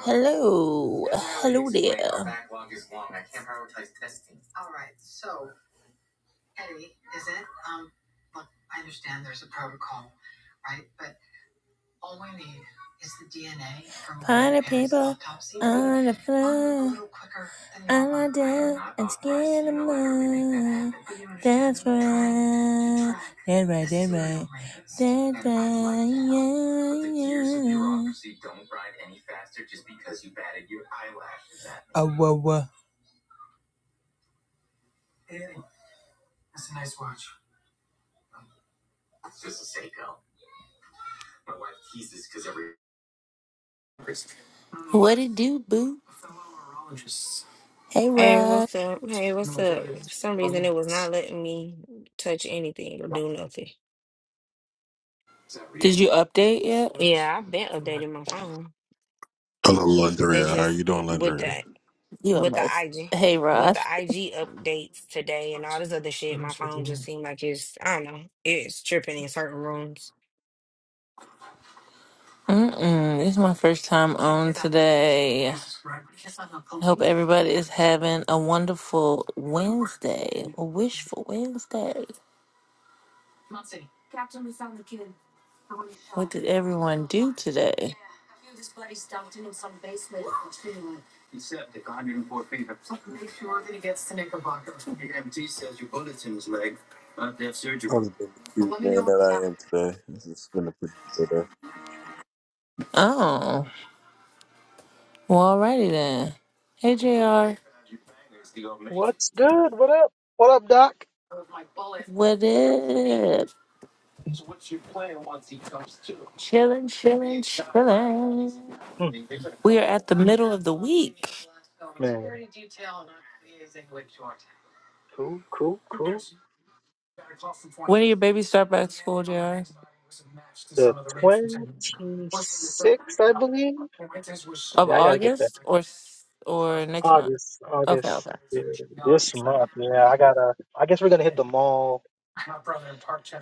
Hello, hello there. Hey, Rod. Uh, wah, wah. What it do, boo? Hey, Hey, Rod. what's up? Hey, what's up? For some reason, it was not letting me touch anything or do nothing. Did you update yet? Yeah, I've been updating my phone. Hello, It's Landria. How just you doing, it- with Landria? the You a with the mess. IG Hey, with Rod. the IG updates today and all this other shit. My phone just seemed like it's I don't know. It's tripping in certain rooms. Mm-mm. This is my first time on today. Hope everybody is having a wonderful Wednesday, a wishful Wednesday. What did everyone do today? Other than the big cute man that I am today, this has been a pretty chill day. Oh, well, alrighty then. Hey, JR. What's good? What up? What up, Doc? What up? Chillin', chillin', chillin'. Hmm, We are at the Man, cool, cool, cool. baby Starbucks The 26th, I believe. Yeah, I gotta get that. s- or next month. August, Okay, August, okay. yeah, this month. Yeah, I gotta, I guess we're gonna hit the mall.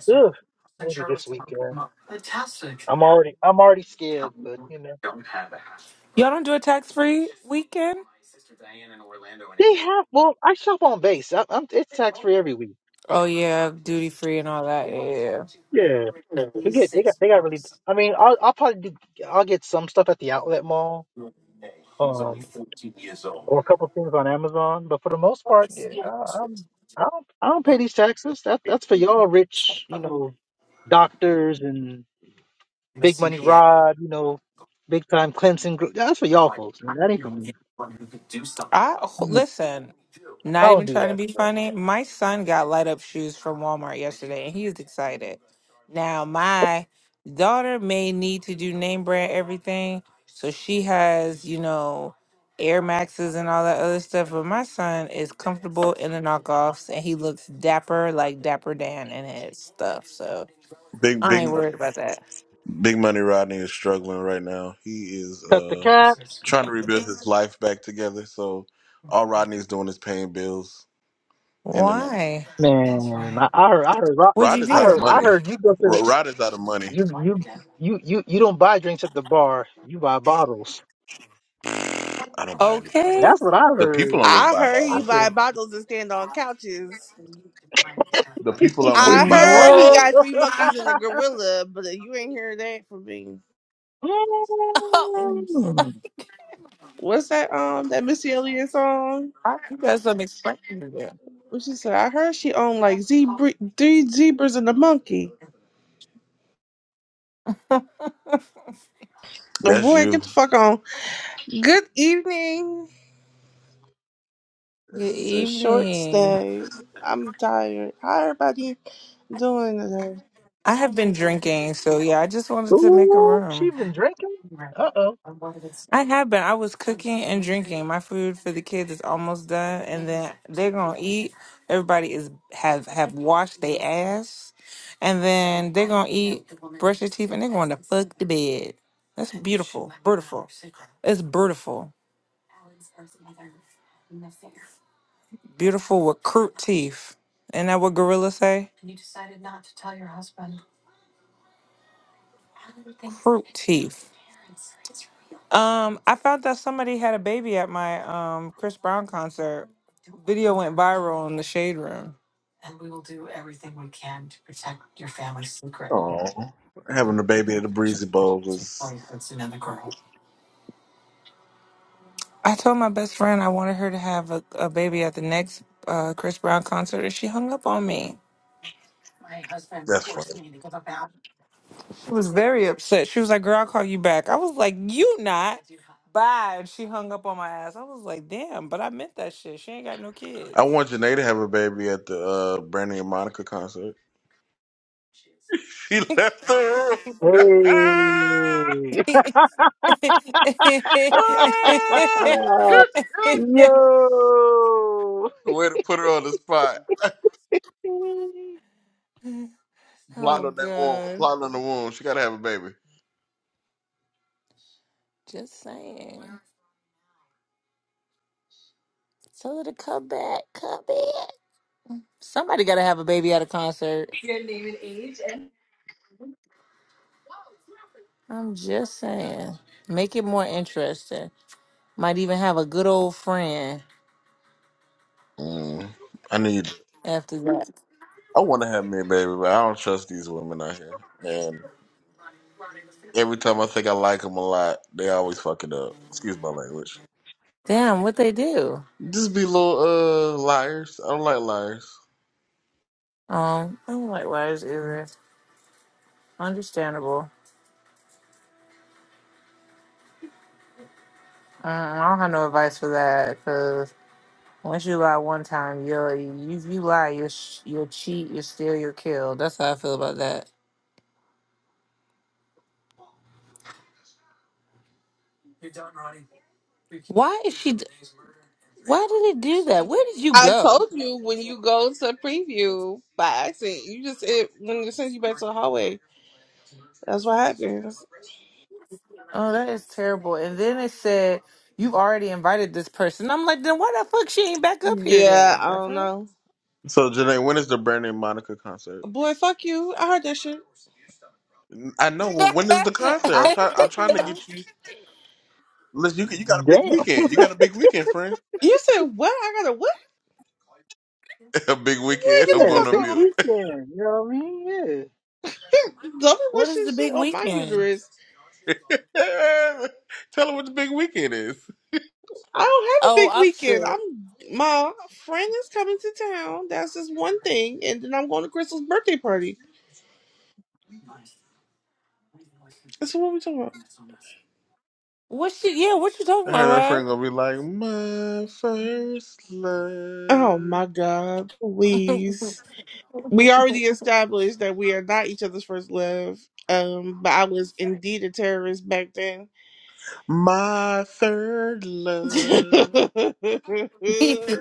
Ugh, maybe this weekend. I'm already, I'm already scared, but you know. Y'all don't do a tax free weekend? They have, well, I shop on base. I, I'm, it's tax free every week. Oh yeah, duty free and all that. Yeah. yeah, yeah. Yeah. We get, they got, they got really, I mean, I'll, I'll probably do, I'll get some stuff at the outlet mall. Um, or a couple things on Amazon. But for the most part, yeah, I, I'm I don't I don't pay these taxes. That that's for y'all rich, you know, doctors and big money rod, you know, big time Clemson group. That's for y'all folks, man. That ain't for me. I I don't, listen. I Not don't even do trying to that be stuff. funny. My son got light up shoes from Walmart yesterday, and he's excited. Now my daughter may need to do name brand everything, so she has you know Air Maxes and all that other stuff. But my son is comfortable in the knockoffs, and he looks dapper like Dapper Dan in his stuff. So Big, I big ain't money, worried about that. big money. Rodney is struggling right now. He is Cut the uh cap, trying to rebuild his life back together. So all Rodney is doing is paying bills, and then Why? man. I, I heard I heard Rob- What'd you Rodney's I out of heard do? I money. heard you go to the Ro- Rodney's out of money. you you you you you don't buy drinks at the bar. You buy bottles. I don't buy any bottles. Okay, That's what I The people heard. I'm with I buy heard I he bottles. buy think. bottles and stand on couches. The people I'm I with buy heard bottles. he Yeah. right. got three monkeys and a gorilla, but you ain't hear that from me. Mm. What's that um that Missy Elliott song? I, you got some not explain it. What she said? I heard she owned like zebra, three zebras and a monkey. Oh That's boy, get you. the fuck on. Good evening. This Good is a short evening. stay. I'm tired. How everybody doing today? I have been drinking, so yeah, I just wanted to make a Ooh, she room. been drinking? Uh-oh. I have been. I was cooking and drinking. My food for the kids is almost done, and then they're gonna eat. Everybody is have have washed their ass, and then they're gonna eat, their teeth, and they're going to fuck the bed. That's be- it's beautiful, beautiful with crude teeth. Isn't that what gorillas say? Crude teeth. Um, I found that somebody had a baby at my um Chris Brown concert. Video went viral in the shade room. Oh, having a baby at the Breezy Bowl was I told my best friend I wanted her to have a, a baby at the next uh, Chris Brown concert, and she hung up on me. that's funny. She was very upset. She was like, "Girl, I'll call you back." I was like, "You not." Bye. And she hung up on my ass. I was like, "Damn," but I meant that shit. She ain't got no kids. I want Janae to have a baby at the uh, Brandy and Monica concert. She left the room. Hey. Yo. Way to put her on the spot. Plot oh on that womb. god. Plot on the womb. She gotta have a baby. Just saying. Tell her to come back. Come back. Somebody got to have a baby at a concert. I'm just saying. Make it more interesting. Might even have a good old friend Mm, I need. after that. I want to have me a baby, but I don't trust these women out here. And every time I think I like them a lot, they always fuck it up. Excuse my language. Damn, what they do? Just be little uh liars. I don't like liars. Um, I'm like, why is it understandable? Mm, I don't have no advice for that because once you lie one time, you're, you you lie, you sh- you'll cheat, you steal, you'll kill. That's how I feel about that. Why is she? d- Why did it do that? Where did you I go? told you when you go to preview by accident, you just it when they send you back to the hallway. That's what happened. Oh, that is terrible. And then it said you've already invited this person. I'm like, then why the fuck she ain't back up here Yeah, then? I The don't fuck? know. So Janae, when is the Brandy and Monica concert? Boy, fuck you. I heard that shit. I know. Well, when is the concert? I I'm trying. don't I'm fucking trying to know. get you. Listen, you got- you got Damn. a big weekend. You got a big weekend, friend. You said what? I gotta what? a big Wait, weekend. get I'm the Yeah, going to big fuck mute. weekend. You know what I mean? Yeah. on. Double what is wishing the big shit on my weekend? uterus. Tell her what the big weekend is. I don't have a Oh, big I'm weekend. sick. I'm my friend is coming to town. That's just one thing, and then I'm going to Crystal's birthday party. That's what we talking about. What she? Yeah, what you talking Her and her friend about, gonna be like, my first Oh love, my god, please. We already established that we are not each other's first love. Um, but I was indeed a terrorist back then. my third love. right?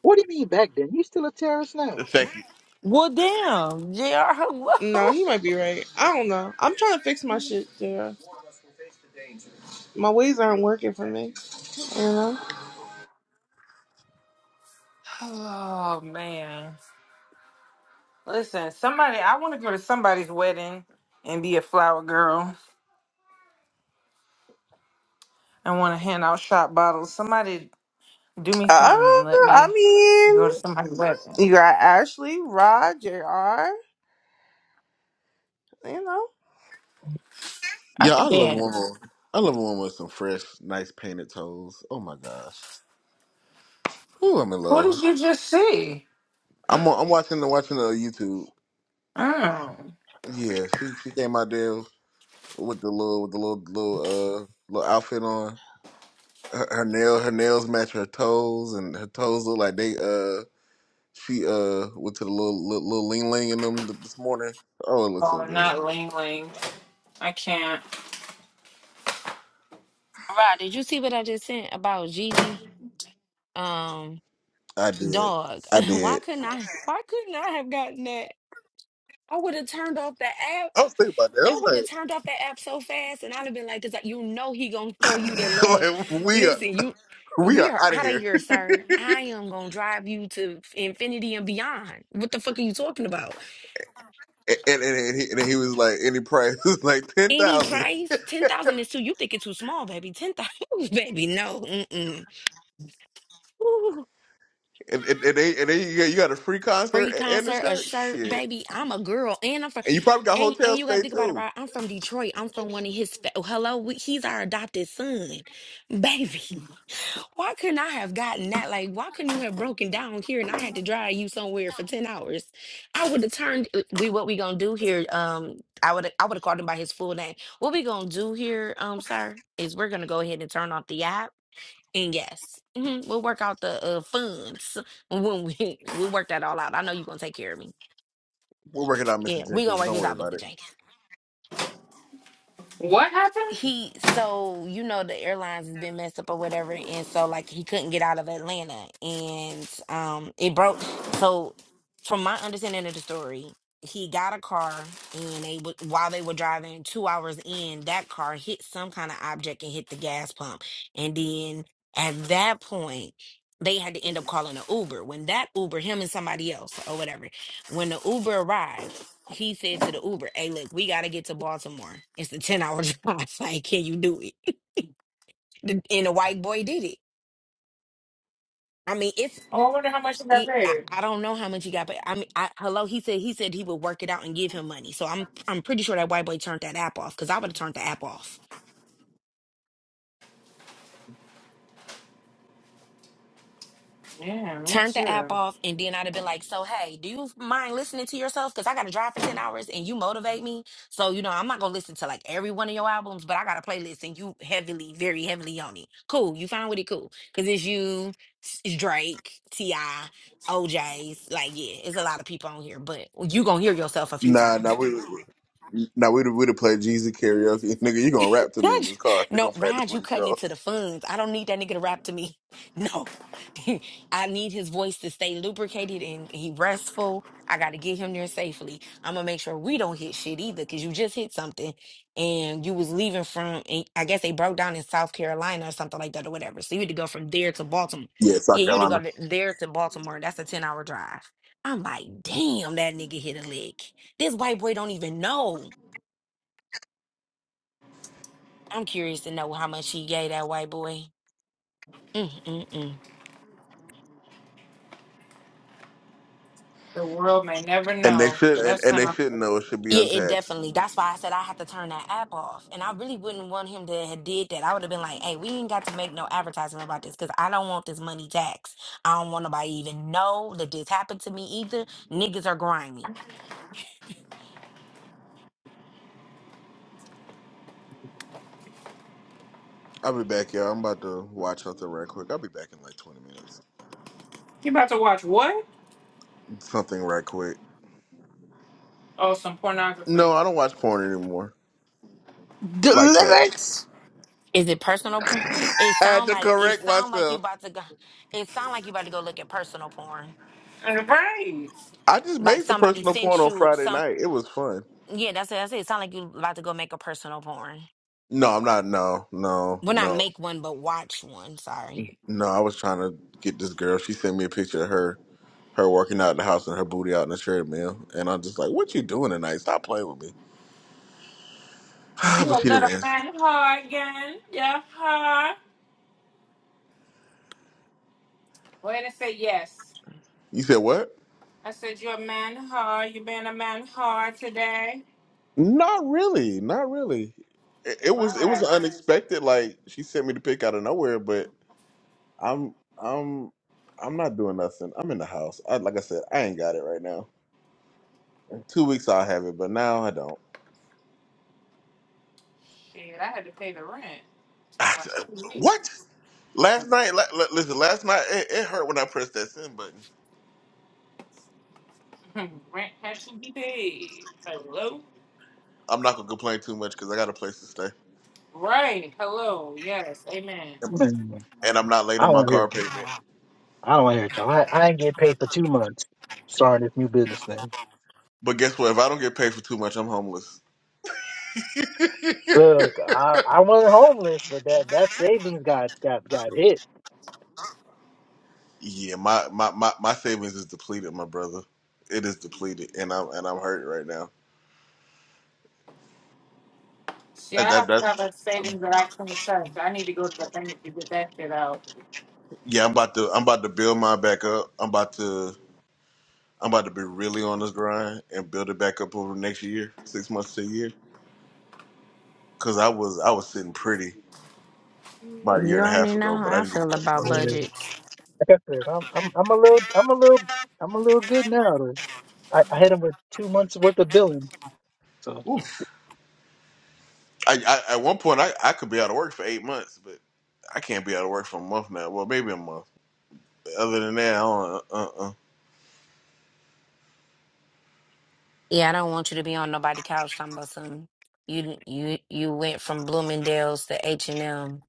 What do you mean back then? You still a terrorist now? Thank you. well, damn, Jr. Hello. no, he might be right. I don't know. I'm trying to fix my shit, Jr. My ways aren't working for me. You know. Oh man, listen, somebody. I want to go to somebody's wedding and be a flower girl. I want to hand out shot bottles. Somebody do me Uh, something. and Let I me go to mean, somebody's wedding. you got Ashley, Rod, Jr. You know, I Yeah, I can love a dance. woman. I love a woman with some fresh, nice painted toes. Oh my gosh. Ooh, I'm in Who did love. you just see? I'm on, I'm watching the watching the YouTube. Oh. Yeah, she she came out there. with the little with the little little uh little outfit on. Her, her nail her nails match her toes, and her toes look like they uh she uh went to the little little, little ling ling in them th- this morning. Oh, it looks so Oh, good. not Ling Ling. I can't. Right? Did you see what I just sent about Jeezy? Um, I did. dog. I Why did. couldn't I? Why couldn't I have gotten that? I would have turned off the I app. was thinking about that. I would have turned off that app so fast, and I'd have been like, "Cause like, you know he gonna I show you the love." was like, like we are Listen, you, we we are are out of out of here. here, sir. I am gonna drive you to infinity and beyond. What the fuck are you talking about? And and, and, he, and he was like, any price was like ten Any thousand. price, ten thousand is too. You think it's too small, baby? Ten thousand, baby? No, mm-mm. Ooh, And and, and, they, and then you got, you got a free concert free and a concert, a shirt. shirt, Shit. baby. I'm a girl, and I'm from, And you probably got and and hotel you gotta stay think about it, too. right? I'm from Detroit. I'm from one of his. Fa- Hello, we- he's our adopted son, baby. Why couldn't I have gotten that? Like, why couldn't you have broken down here and I had to drive you somewhere for 10 hours? I would have turned uh, we what we gonna do here, um, I would I would have called him by his full name. What we gonna do here, um, sir, is we're gonna go ahead and turn off the app. And yes, hmm we'll work out the uh, funds when we we work that all out. I know you're gonna take care of me. We'll work it out, Yeah, Mr. we gonna Jenkins. work Don't this worry out, about Mr. it. Jenkins. he so you know the airlines has been messed up or whatever and so like he couldn't get out of Atlanta and um it broke so from my understanding of the story he got a car and they w- while they were driving 2 hours in that car hit some kind of object and hit the gas pump and then at that point they had to end up calling an Uber when that Uber him and somebody else or whatever when the Uber arrived he said to the Uber, "Hey, look, we gotta get to Baltimore. It's a ten hour drive. Like, can you do it?" The- And the white boy did it. I mean, it's it, I, I don't know how much he got, but I mean, I, hello, he said he said he would work it out and give him money. So I'm I'm pretty sure that white boy turned that app off because I would have turned the app off. Yeah, me turned the app too. off, and then I'd have been like, "So hey, do you mind listening to yourself? Because I got to drive for ten hours, and you motivate me. So you know, I'm not gonna listen to like every one of your albums, but I got a playlist, and you heavily, very heavily on it. Cool, you fine with it? Cool, because it's you, it's Drake, Ti, OJ's. Like, yeah, it's a lot of people on here, but you gonna hear yourself a few Nah, nah, times. we, we nah we'd we'd have played Jeezy karaoke, nigga. You gonna rap to me in this Raj, car? You no, gonna practice Raj, with you cutting yourself? into the funds. I don't need that nigga to rap to me. No. I need his voice to stay lubricated and he restful. I gotta get him there safely. I'm gonna make sure we don't hit shit either, cause you just hit something and you was leaving from and I guess they broke down in South Carolina or something like that or whatever. So you had to go from there to Baltimore. Yeah, South Yeah, you had to go Carolina. to- there to Baltimore. That's a 10 hour drive. I'm like, damn, that nigga hit a lick. This white boy don't even know. I'm curious to know how much he gave that white boy. Mm, mm, mm. The world may never And they know. should But and, that and they sounds. shouldn't know it should be Yeah, it untaxed. definitely. That's why I said I had to turn that app off, and I really wouldn't want him to have did that. I would have been like, "Hey, we ain't got to make no advertisement about this because I don't want this money tax. I don't want nobody even know that this happened to me either. Niggas are grimy. I'll be back, y'all. I'm about to watch something right quick. I'll be back in like 20 minutes. You about to watch what? Something right quick. Oh, some No, pornography. I don't watch porn anymore. Like that. delivered. Is it personal porn? I It had sound to like it correct sound like you myself. about to go. It sound like you about to go look at personal porn. And right. I just Like made some somebody personal porn sent on you Friday some. night. It was fun. Yeah, that's it. That's it. It sound like you about to go make a personal porn. No, I'm not. No, no, Well, not no, make one, but watch one. Sorry. no. I was trying to get this girl. She sent me a picture of her her working out in the house and her booty out in the treadmill. And I'm just like, what you doing tonight? Stop playing with me. You but a she didn't little answer. man whore again. Yeah, whore. Wait and say yes. You said what? I said you're a man whore. You been a man whore today. Not really. Not really. It, it was it was Right. unexpected. Like she sent me the pic out of nowhere, but I'm I'm I'm not doing nothing. I'm in the house. I, like I said, I ain't got it right now. Two weeks I'll have it, but now I don't. Shit, I had to pay the rent. Talk about two weeks. what? Last night, la- la- listen. Last night it, it hurt when I pressed that send button. Rent had to be paid. Hello? I'm not gonna complain too much because I got a place to stay, Right. Hello. Yes. Amen. Man, and I'm not late I on don't my want to hear. car payment. I don't want to hear it, y'all. I, I ain't getting paid for two months starting this new business thing. But guess what? If I don't get paid for too much, I'm homeless. Look, I, I wasn't homeless, but that that savings got got got hit. Yeah, my, my, my, my savings is depleted, my brother. It is depleted, and I'm and I'm hurting right now. See, That, I that have to have a that's savings that I can touch. I need to go to the bank to get that shit out. yeah. I'm about to I'm about to build mine back up. I'm about to I'm about to be really on this grind and build it back up over the next year, six months to a year. Cause I was I was sitting pretty about a year You and a half already know ago, but I how I didn't get feel that far about Yeah. away. budgets. Like I said, I'm, I'm I'm a little I'm a little I'm a little good now. I, I hit him with two months worth of billing. So Oof. I, I at one point I, I could be out of work for eight months, but I can't be out of work for a month now. Well, maybe a month. Other than that, I don't. Uh. uh Yeah, I don't want you to be on nobody couch talking about something. You you you went from Bloomingdale's to H and M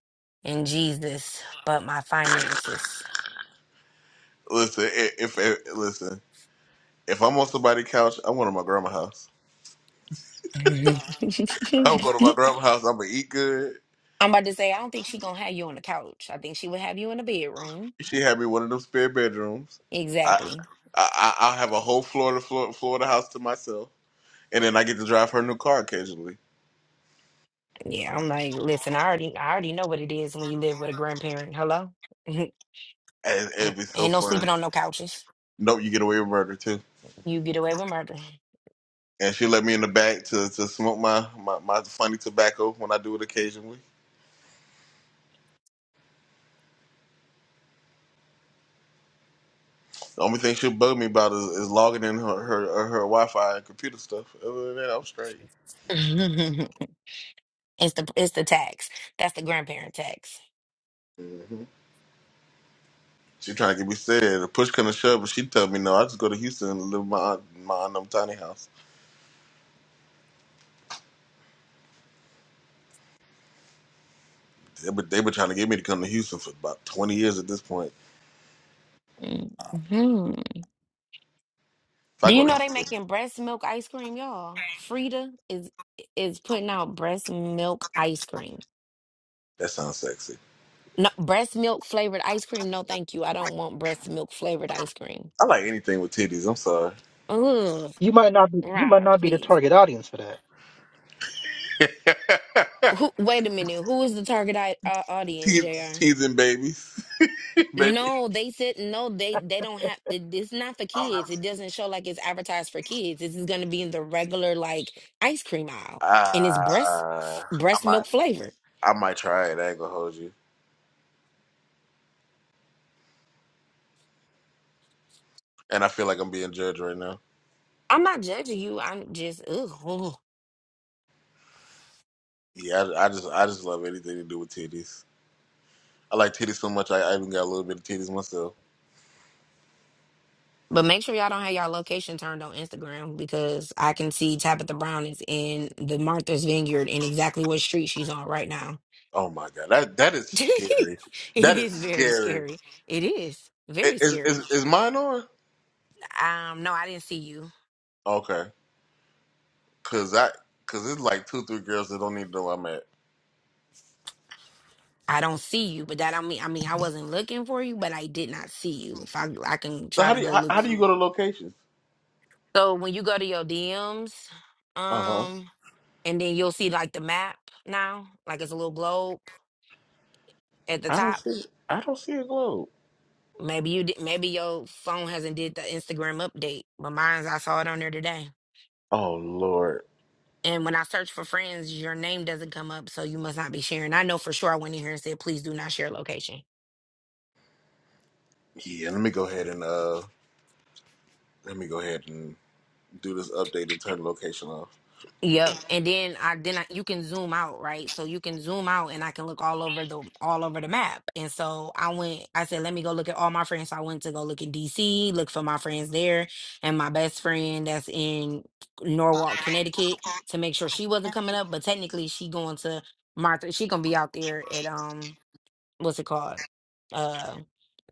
and Jesus, but my finances. Listen, i- if, if listen, if I'm on somebody's couch, I'm going to my grandma's house. I'm I'm going to my grandma's house. I'm gonna eat good. about to say I don't think she gonna have you on the couch. I think she would have you in the bedroom. She had me one of them spare bedrooms. I, Exactly. I I- I'll have a whole Florida floor, Florida house to myself, and then I get to drive her new car occasionally, Yeah, I'm like, listen, I already I already know what it is when you live with a grandparent. Hello, ain't, and it'd be so ain't no fun. sleeping on no couches. Nope, you get away with murder too. You get away with murder. And she let me in the back to, to smoke my, my, my funny tobacco when I do it occasionally. The only thing she'll bug me about is, is logging in her her, uh, her Wi Fi and computer stuff. Other than that, I'm straight. It's the it's the tax. That's the grandparent tax. hmm She trying to get me said. The push come to shove, but she tell me no. I just go to Houston and live in my aunt, my aunt them tiny house. They been, they been trying to get me to come to Houston for about 20 years at this point. hmm If I Do go you to know they Houston, making breast milk ice cream, y'all? Frida is is putting out breast milk ice cream. that sounds sexy. No breast milk flavored ice cream. No, thank you. I don't want breast milk flavored ice cream. I like anything with titties. I'm sorry. Ugh, you might not be you might Rob, not be the please. target audience for that. Who, wait a minute. Who is the target I, uh, audience, Teas- Jr.? Teasing babies, baby. No, they said no, they they don't have it, it's not for kids. It doesn't show like it's advertised for kids. This is gonna be in the regular like ice cream aisle and it's breast Ah, I breast might, milk flavor. I might try it. I ain't gonna hold you. And I feel like I'm being judged right now. I'm not judging you. I'm just ugh, ugh. Yeah, I, I just I just love anything to do with titties. I like titties so much. I, I even got a little bit of titties myself. But make sure y'all don't have y'all location turned on Instagram because I can see Tabitha Brown is in the Martha's Vineyard and exactly what street she's on right now. Oh my god, that that is it scary. That is is very scary. scary. It is I- very Is scary. is, is mine on? Um, no, I didn't see you. Okay, cause I cause it's like two three girls that don't even know where I'm at. I don't see you, but that I mean I mean I wasn't looking for you, but I did not see you. If I I can So try how to do you go how, look how do for. you go to locations? So when you go to your DMs, Uh huh. um, and then you'll see like the map now, like it's a little globe at the I don't top. see I don't see a globe. Maybe you did. Maybe your phone hasn't did the Instagram update, but mine's I saw it on there today. Oh lord. And when I search for friends, your name doesn't come up, so you must not be sharing. I know for sure I went in here and said, please do not share location. Yeah. Let me go ahead and uh let me go ahead and do this update and turn the location off. Yep. And then I then I, you can zoom out, right? So you can zoom out and I can look all over the all over the map. And so I went I said let me go look at all my friends. So I went to go look in DC, look for my friends there and my best friend that's in Norwalk, Connecticut to make sure she wasn't coming up, but technically she going to Martha. She going to be out there at um what's it called? Uh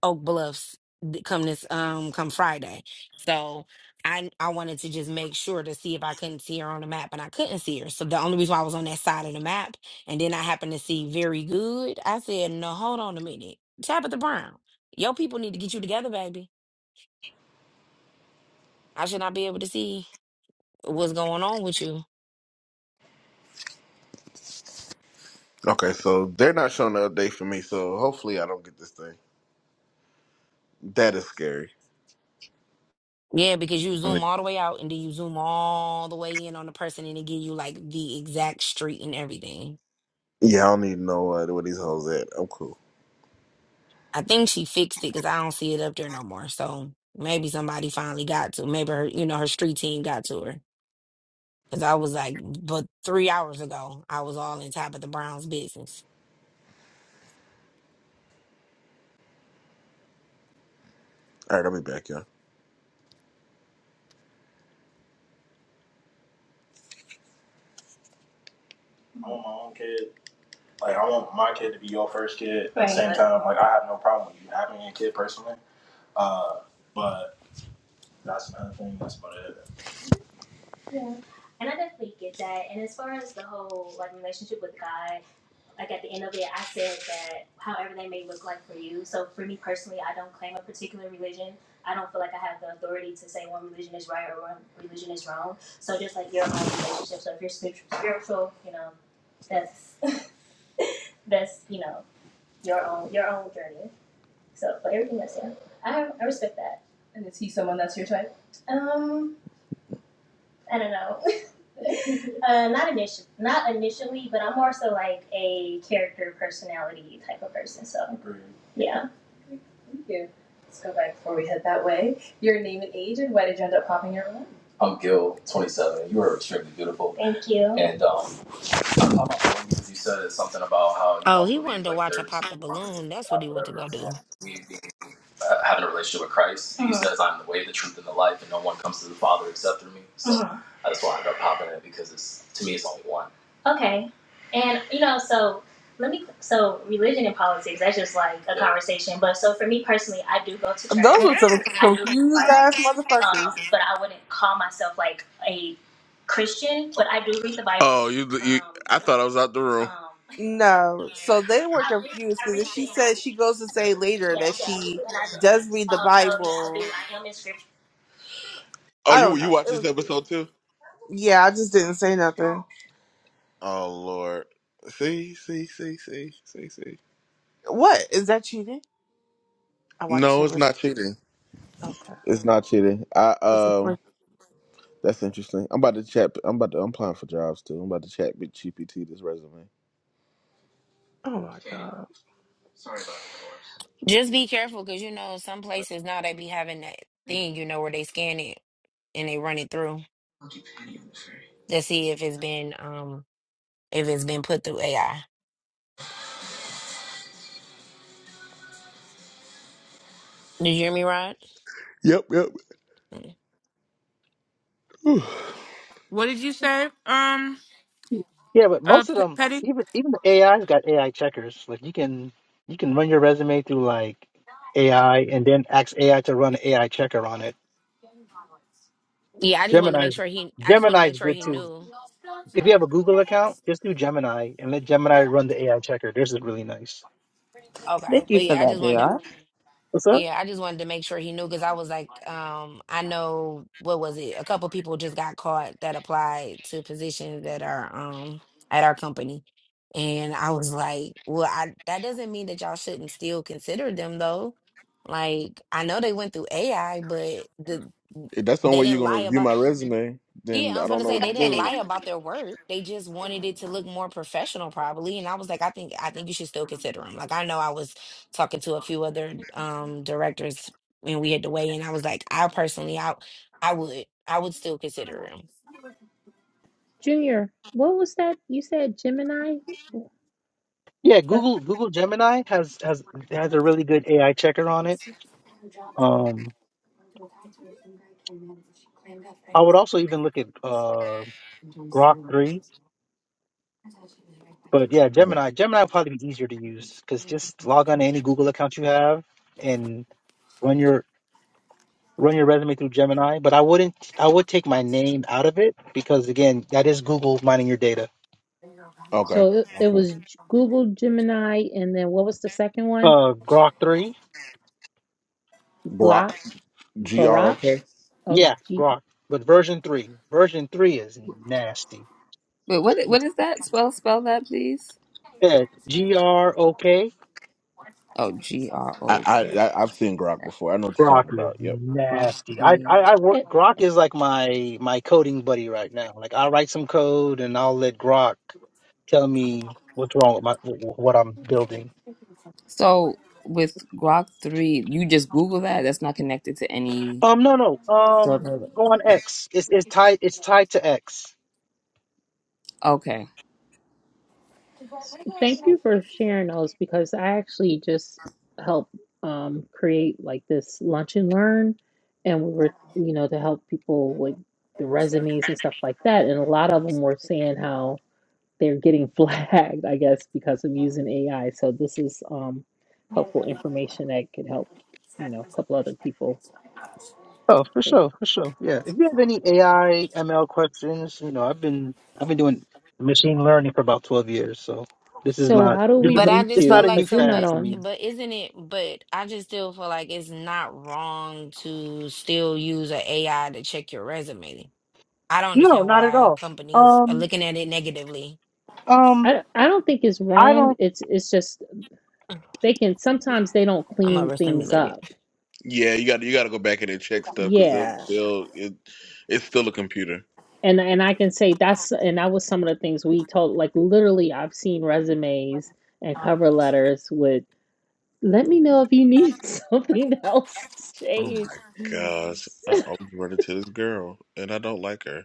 Oak Bluffs th- come this um come Friday. So I I wanted to just make sure to see if I couldn't see her on the map and I couldn't see her. So the only reason why I was on that side of the map and then I happened to see very good. I said, No, hold on a minute. Tabitha Brown, your people need to get you together, baby. I should not be able to see what's going on with you. Okay, so they're not showing the update for me. So hopefully I don't get this thing. That is scary. Yeah, because you I mean, zoom all the way out and then you zoom all the way in on the person and it give you like the exact street and everything. Yeah, I don't need to know uh, where these hoes at. I'm cool. I think she fixed it because I don't see it up there no more. So maybe somebody finally got to. Maybe her, you know, her street team got to her. Because I was like, but three hours ago, I was all in top of the Browns' business. All right, I'll be back, y'all. I want my own kid. Like I want my kid to be your first kid. At the Right. same time, like I have no problem with you having a kid personally. Uh, but that's another thing. That's about it. And I definitely get that. And as far as the whole like relationship with God. like at the end of it, I said that however they may look like for you. So for me personally, I don't claim a particular religion. I don't feel like I have the authority to say one religion is right or one religion is wrong. So just like your own relationship. So if you're spiritual, you know, that's that's you know your own your own journey. So for everything that's yeah, I have, I respect that. And is he someone that's your type? Um, I don't know. uh, not initially, not initially, but I'm more so like a character personality type of person. So Agreed. yeah, Thank you. Let's go back before we head that way. Your name and age, and why did you end up popping your room? I'm Gil, 27. You are extremely beautiful. thank you. And um, I thought my phone, you said something about how you Oh, don't he wanted believe to like watch her there's pop the balloon. That's what God, he wanted to whatever. go do. And me being uh, having a relationship with Christ. Mm-hmm. He Mhm. says, "I'm the way, the truth, and the life, and no one comes to the Father except through me." So Mhm. I just wanted to pop in it because it's to me, it's only one. Okay. And you know, so let me. So religion and politics, that's just like a Yeah. conversation. But so for me personally, I do go to church. Those I were some do go to confused Bible. ass motherfuckers. Um, but I wouldn't call myself like a Christian. But I do read the Bible. Oh, you, you! Um, I thought I was out the room. um, No, so they were I read, confused I because read if it she and said I she goes to say later that Yes, she yeah, and I do. does read the Um, so yeah, I do. Bible, I am in scripture. Oh, I don't you you know. watch It this was weird. episode too? Yeah, I just didn't say nothing. Oh Lord. See, see, see, see, see, see. What is that cheating? I watched it No, it's with. not cheating. Okay. It's not cheating. I That's the um first- that's interesting. I'm about to chat I'm about to I'm applying for jobs too. I'm about to chat with GPT this resume. Oh my god. Just be careful because you know some places now they be having that thing, you know, where they scan it and they run it through to see if it's been um if it's been put through AI. Did you hear me, Rod? Yep, yep. Mm. Whew. What did you say, um, Yeah, but uh, most of P- them, Petty? even even the AI's got AI checkers. Like you can you can run your resume through like AI and then ask AI to run an AI checker on it. Yeah, I just wanted to Gemini make sure he. I just wanted to Gemini's make sure good he too. knew. If you have a Google account, just do Gemini and let Gemini run the AI checker. Theirs is really nice. Okay, Thank you but for yeah, I that, just wanted to Jr. What's up? Yeah, I just wanted to make sure he knew because I was like, um, I know what was it? A couple people just got caught that applied to positions that are um at our company. And I was like, well, I that doesn't mean that y'all shouldn't still consider them though. Like, I know they went through AI, but the If that's the only they way didn't you're gonna lie review about my resume, yeah, then I I was going don't to know say what to they didn't do. lie about their work. They just wanted it to look more professional, probably. And I was like, I think I think you should still consider him. Like I know I was talking to a few other um directors when we had to weigh in. I was like, I personally, I I would I would still consider him. Junior, what was that you said? Gemini. Yeah, That- Google Google Gemini has has has a really good AI checker on it. Um, I would also even look at uh Grok 3. But yeah, Gemini. Gemini would probably be easier to use because just log on to any Google account you have and run your run your resume through Gemini. But I wouldn't. I would take my name out of it because again, that is Google mining your data. Okay. so it, it Okay. was G- Google Gemini, and then what was the second one? Uh, Grok 3. Glock Brock G R O Barack. K. Oh, Yeah, gee. Grok. But version 3. Version 3 is nasty. Wait, what? What is that? Spell, spell that, please. Yeah, G R O K. Oh, G R I, O K. I I- I've seen Grok before. I know what you're Grok talking is about. Yep. Grok nasty. I, three. I I work. It, Grok is like my my coding buddy right now. Like I write some code and I'll let Grok. tell me what's wrong with my wh- wh- what I'm building. So with Grok three, you just Google that. That's not connected to any Um, no, no. Um, server. go on X. It's it's tied it's tied to X. Okay. thank you for sharing those because I actually just help um, create like this lunch and learn, and we were you know to help people with the resumes and stuff like that, and a lot of them were saying how. they're getting flagged, I guess, because of using AI. So this is um, helpful information that could help, you know, a couple other people. Oh, for sure, for sure. Yeah. If you have any AI ML questions, you know, I've been I've been doing machine learning for about twelve years, so this is So not how do this we is But not I reach it's just feel not you? a like new Because so, you're not fad but to on. me. but isn't it? But I just still feel like it's not wrong to still use an AI to check your resume. I don't No, understand not at why all. companies are Um, looking at it negatively um, I, I don't think it's I wrong. don't. It's it's just they can sometimes they don't I'm clean things overstimulated. up. Yeah, you got you got to go back in and check stuff because they'll Yeah. they'll it, it's still a computer. And and I can say that's and that was some of the things we told like literally I've seen resumes and cover letters with let me know if you need something else Oh changed. my gosh, I always run into this girl and I don't like her.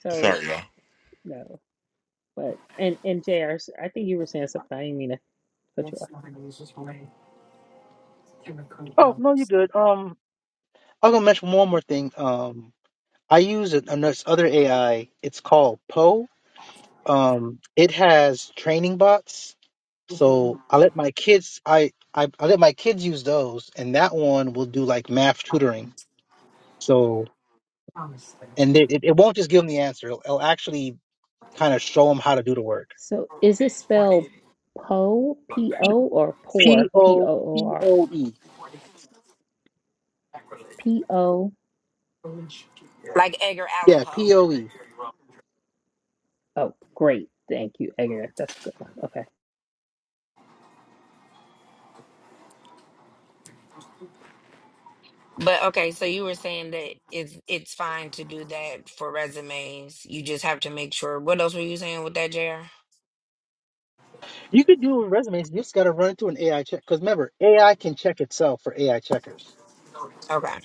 So Sorry, y'all. No, but and and JR, s- I think you were saying something. I didn't mean to cut you off. Oh no, you're good. Um, I'm gonna mention one more thing. Um, I use an- another other AI. It's called Poe. um it has training bots so i let my kids I, I i let my kids use those and that one will do like math tutoring so and it, it, it won't just give them the answer it'll, it'll actually kind of show them how to do the work So is it spelled po p o or poor p o o r p-o-p-o-e p o? Like Edgar Allan yeah Poe. p-o-e Oh, great, thank you, Edgar. That's a good one. Okay, But okay, so you were saying that it's it's fine to do that for resumes. You just have to make sure. What else were you saying with that, JR? you could do a resume you just got to run it through an ai check because remember ai can check itself for ai checkers Okay.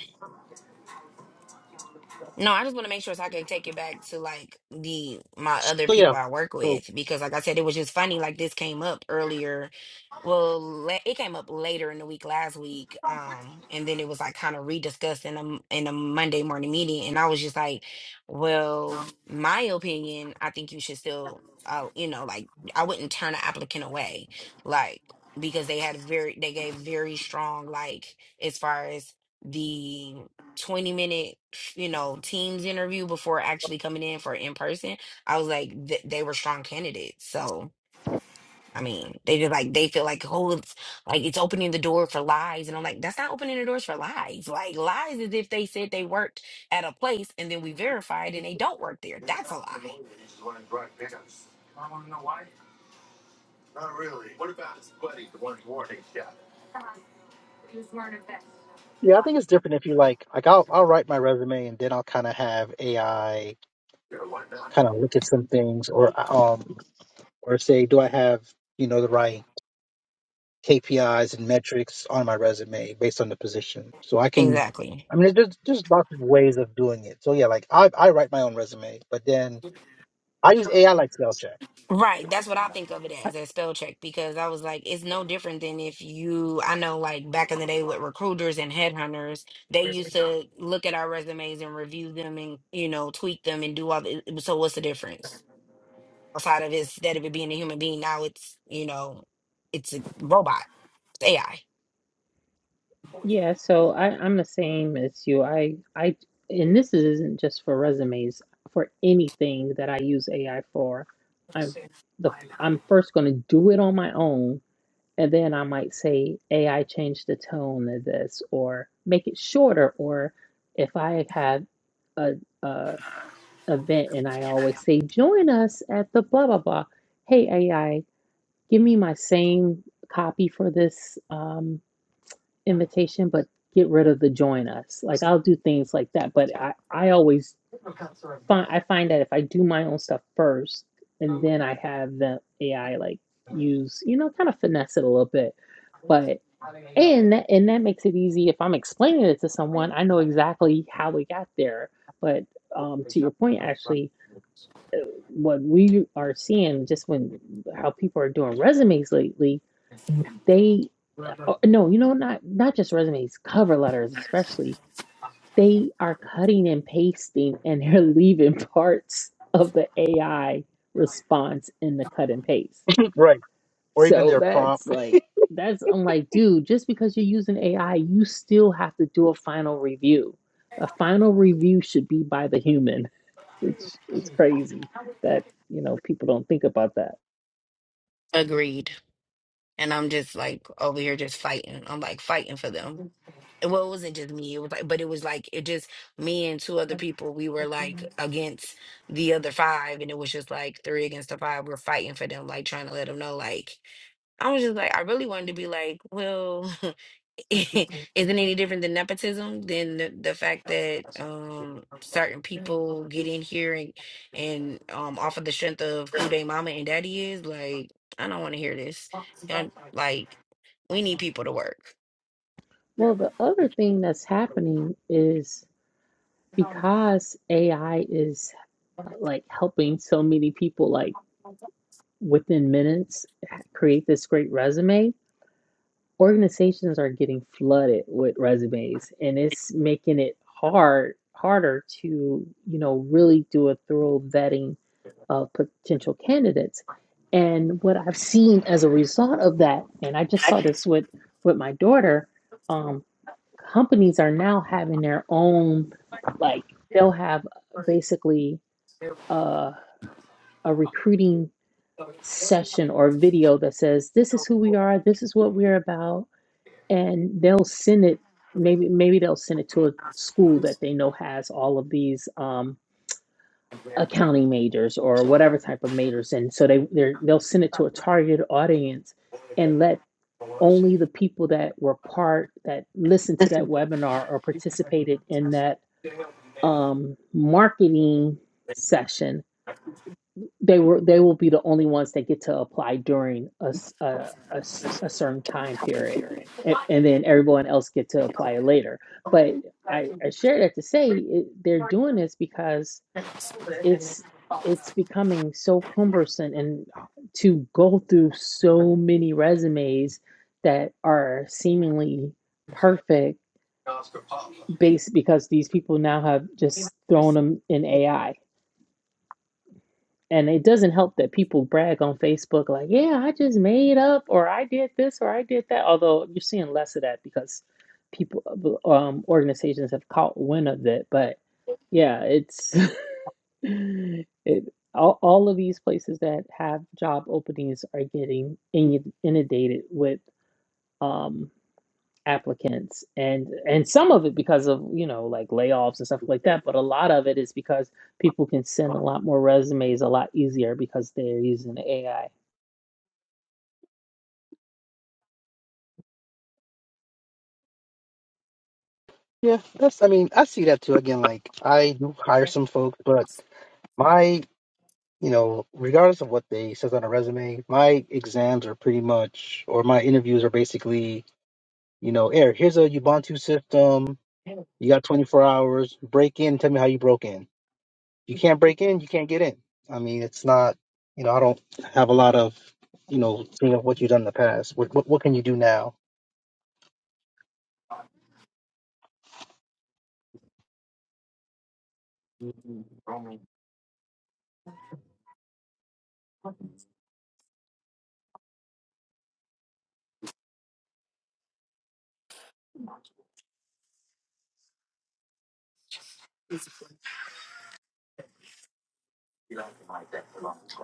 No, I just want to make sure so I can take it back to like the my other so people yeah I work so with because like I said, it was just funny. Like this came up earlier. Well, la- it came up later in the week last week, um, and then it was like kind of rediscussed in a m- in a Monday morning meeting, and I was just like, "Well, my opinion, I think you should still, uh, you know, like I wouldn't turn an applicant away, like because they had very they gave very strong like as far as." the. 20 minute, you know, Teams interview before actually coming in for in person, I was like, th- they were strong candidates. So, I mean, they just like, they feel like, oh, it's like it's opening the door for lies. And I'm like, that's not opening the doors for lies. Like, lies is if they said they worked at a place and then we verified and they don't work there. That's a lie. yeah i think it's different if you like like i'll, I'll write my resume and then i'll kind of have ai kind of look at some things or um or say do I have you know the right KPIs and metrics on my resume based on the position so I can Exactly. I mean there's there's lots of ways of doing it so yeah like I I write my own resume but then I use AI like spell check Right, that's what I think of it I, as, as spell check, because I was like, it's no different than if you, I know like back in the day with recruiters and headhunters, they used to look at our resumes and review them and, you know, tweak them and do all the, so what's the difference? Outside of it's instead of it being a human being, now it's, you know, it's a robot, it's AI. yeah. So I I'm the same as you. I I and this isn't just for resumes. For anything that I use AI for, I'm the I'm first going to do it on my own And then I might say, AI, change the tone of this, or make it shorter. Or if I have a, a event and I always say, join us at the blah blah blah. Hey AI, give me my same copy for this um, invitation, but get rid of the join us. Like I'll do things like that, but I I always find I find that if I do my own stuff first, and then I have the AI like use you know kind of finesse it a little bit but. And that- and that makes it easy. If I'm explaining it to someone, I know exactly how we got there. But um, to your point, Ashley, what we are seeing just when how people are doing resumes lately, they oh, no, you know, not not just resumes, cover letters especially, they are cutting and pasting and they're leaving parts of the AI response in the cut and paste. right or even So their that's prompt like that's I'm like, dude, just because you're using AI, you still have to do a final review. A final review should be by the human, which is crazy that, you know, people don't think about that. Agreed. And I'm just like over here just fighting. I'm like fighting for them. well, it wasn't just me. It was like, but it was like it just me and two other people. We were like against the other five, and it was just like three against the five. We're fighting for them, like trying to let them know. Like I was just like, I really wanted to be like, well, isn't any different than nepotism than the, the fact that um certain people get in here and and um off of the strength of who they mama and daddy is. Like I don't want to hear this. Y'all like we need people to work. Well, the other thing that's happening is because AI is like helping so many people like within minutes create this great resume, organizations are getting flooded with resumes and it's making it hard harder to you know really do a thorough vetting of potential candidates and what i've seen as a result of that and i just saw this with with my daughter um, companies are now having their own like they'll have basically uh, a recruiting session or video that says this is who we are this is what we're about and they'll send it maybe maybe they'll send it to a school that they know has all of these um accounting majors or whatever type of majors and so they they're, they'll send it to a targeted audience and let only the people that were part that listened to that webinar or participated in that um marketing session they were they will be the only ones that get to apply during a a a, a certain time period and, and then everyone else get to apply later but i i share that to say it, they're doing this because it's it's becoming so cumbersome and to go through so many resumes that are seemingly perfect based because these people now have just thrown them in ai And it doesn't help that people brag on Facebook, like, yeah, I just made up, or I did this, or I did that. Although you're seeing less of that because people, uh, um, organizations have caught wind of it. But yeah, it's it, all, all of these places that have job openings are getting inundated with. um applicants and and some of it because of you know like layoffs and stuff like that but a lot of it is because people can send a lot more resumes a lot easier because they're using ai yeah that's I mean I see that too again like I do hire some folks but my you know regardless of what they says on a resume my exams are pretty much or my interviews are basically You know, Eric, here's a Ubuntu system. You got 24 hours. Break in. Tell me how you broke in. You can't break in. You can't get in. I mean, it's not. You know, I don't have a lot of. You know, seeing of what you've done in the past. What, what what can you do now?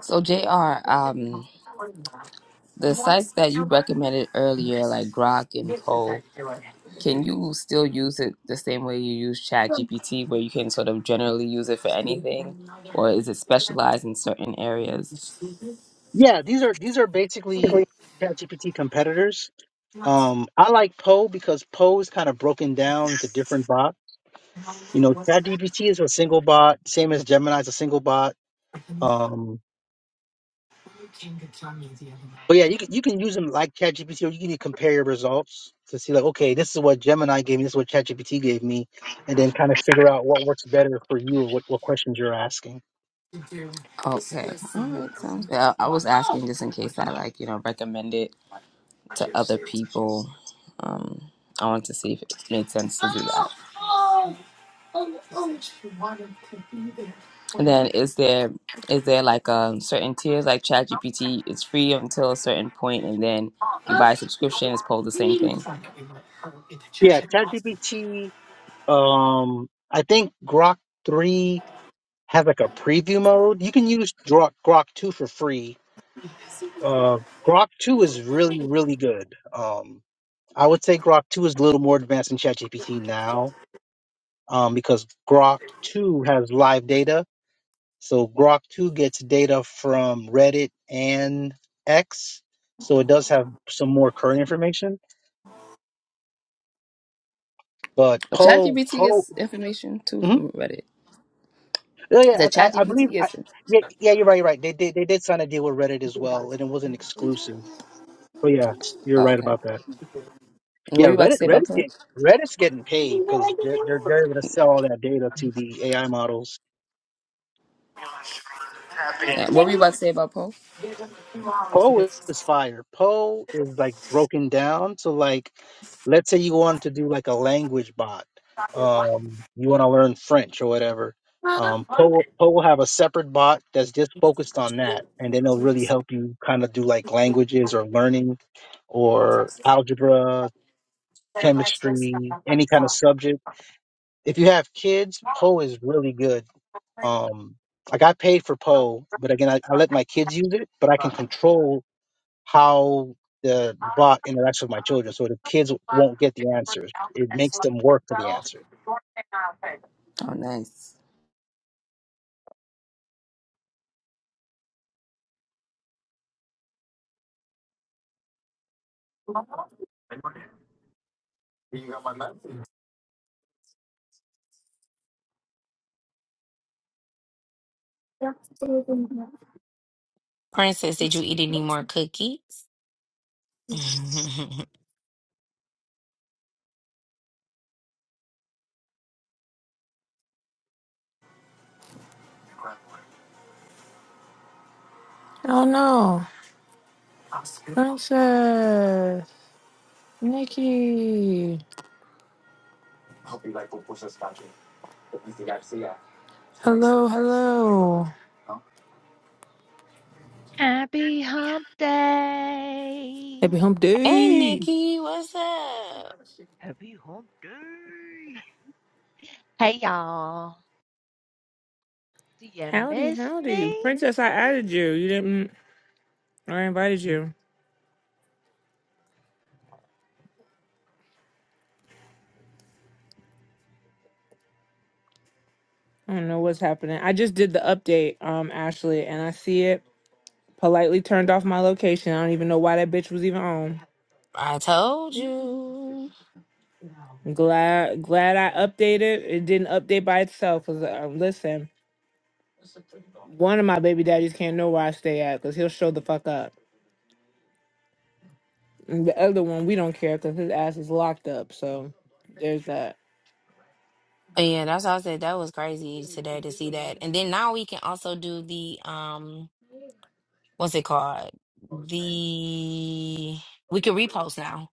So Jr. Um, the sites that you recommended earlier, like Grok and Poe, can you still use it the same way you use ChatGPT, where you can sort of generally use it for anything, or is it specialized in certain areas? Yeah, these are these are basically ChatGPT competitors. Um, I like Poe because Poe is kind of broken down into different bots. You know, ChatGPT is a single bot, same as Gemini is a single bot. Um, But yeah, you can you can use them like ChatGPT, or you can compare your results to see like, okay, this is what Gemini gave me, this is what ChatGPT gave me, and then kind of figure out what works better for you or what, what questions you're asking. Okay. All right. Sounds good. I, I was asking just in case I like, you know, recommend it to other people. Um, I wanted to see if it made sense to do that. And then is there is there like um certain tiers like ChatGPT is free until a certain point and then you buy a subscription, it's pulled the same thing. Yeah, ChatGPT. Um, I think Grok three has like a preview mode. You can use Grok Grok two for free, Uh, Grok 2 is really, really good. Um, I would say Grok 2 is a little more advanced than ChatGPT now um, because Grok 2 has live data. So Grok 2 gets data from Reddit and X. So it does have some more current information. But But Poe, ChatGPT Poe, gets information too mhm. from Reddit. yeah, yeah, The I, I I believe, ChatGPT I, gets it. yeah, yeah, you're right, you're right. They, they, they did sign a deal with Reddit as well, and it wasn't exclusive. But yeah, you're Oh, right okay. about that. What Yeah, were you about to Reddit say about Reddit's Poe? getting Reddit's getting paid because they're, they're they're gonna sell all that data to the AI models. Yeah, what were you about to say about Poe? Poe is fire. Poe is like broken down to like, let's say you want to do like a language bot. Um, you want to learn French or whatever. Um, Poe Poe will have a separate bot that's just focused on that, and then it'll really help you kind of do like languages or learning, or algebra, chemistry, any kind of subject. If you have kids, Poe is really good Um, I got paid for Poe, but again, I, I let my kids use it, but I can control how the bot interacts with my children. So the kids won't get the answers. It makes them work for the answer. Oh nice. Princess, did you eat any more cookies? hey, Happy hump day. Nikki, what's up? Happy hump day. Hey y'all. Do you Howdy, miss howdy. me? Princess, I added you. You didn't I invited you. I don't know what's happening. I just did the update, um, Ashley, and I see it politely turned off my location. I don't even know why that bitch was even on. I told you. glad glad I updated. It didn't update by itself because um, listen, one of my baby daddies can't know where I stay at because he'll show the fuck up. And the other one we don't care because his ass is locked up. So there's that. Yeah, that's how I said that was crazy today to see that. And then now we can also do the um, what's it called? The we can repost now.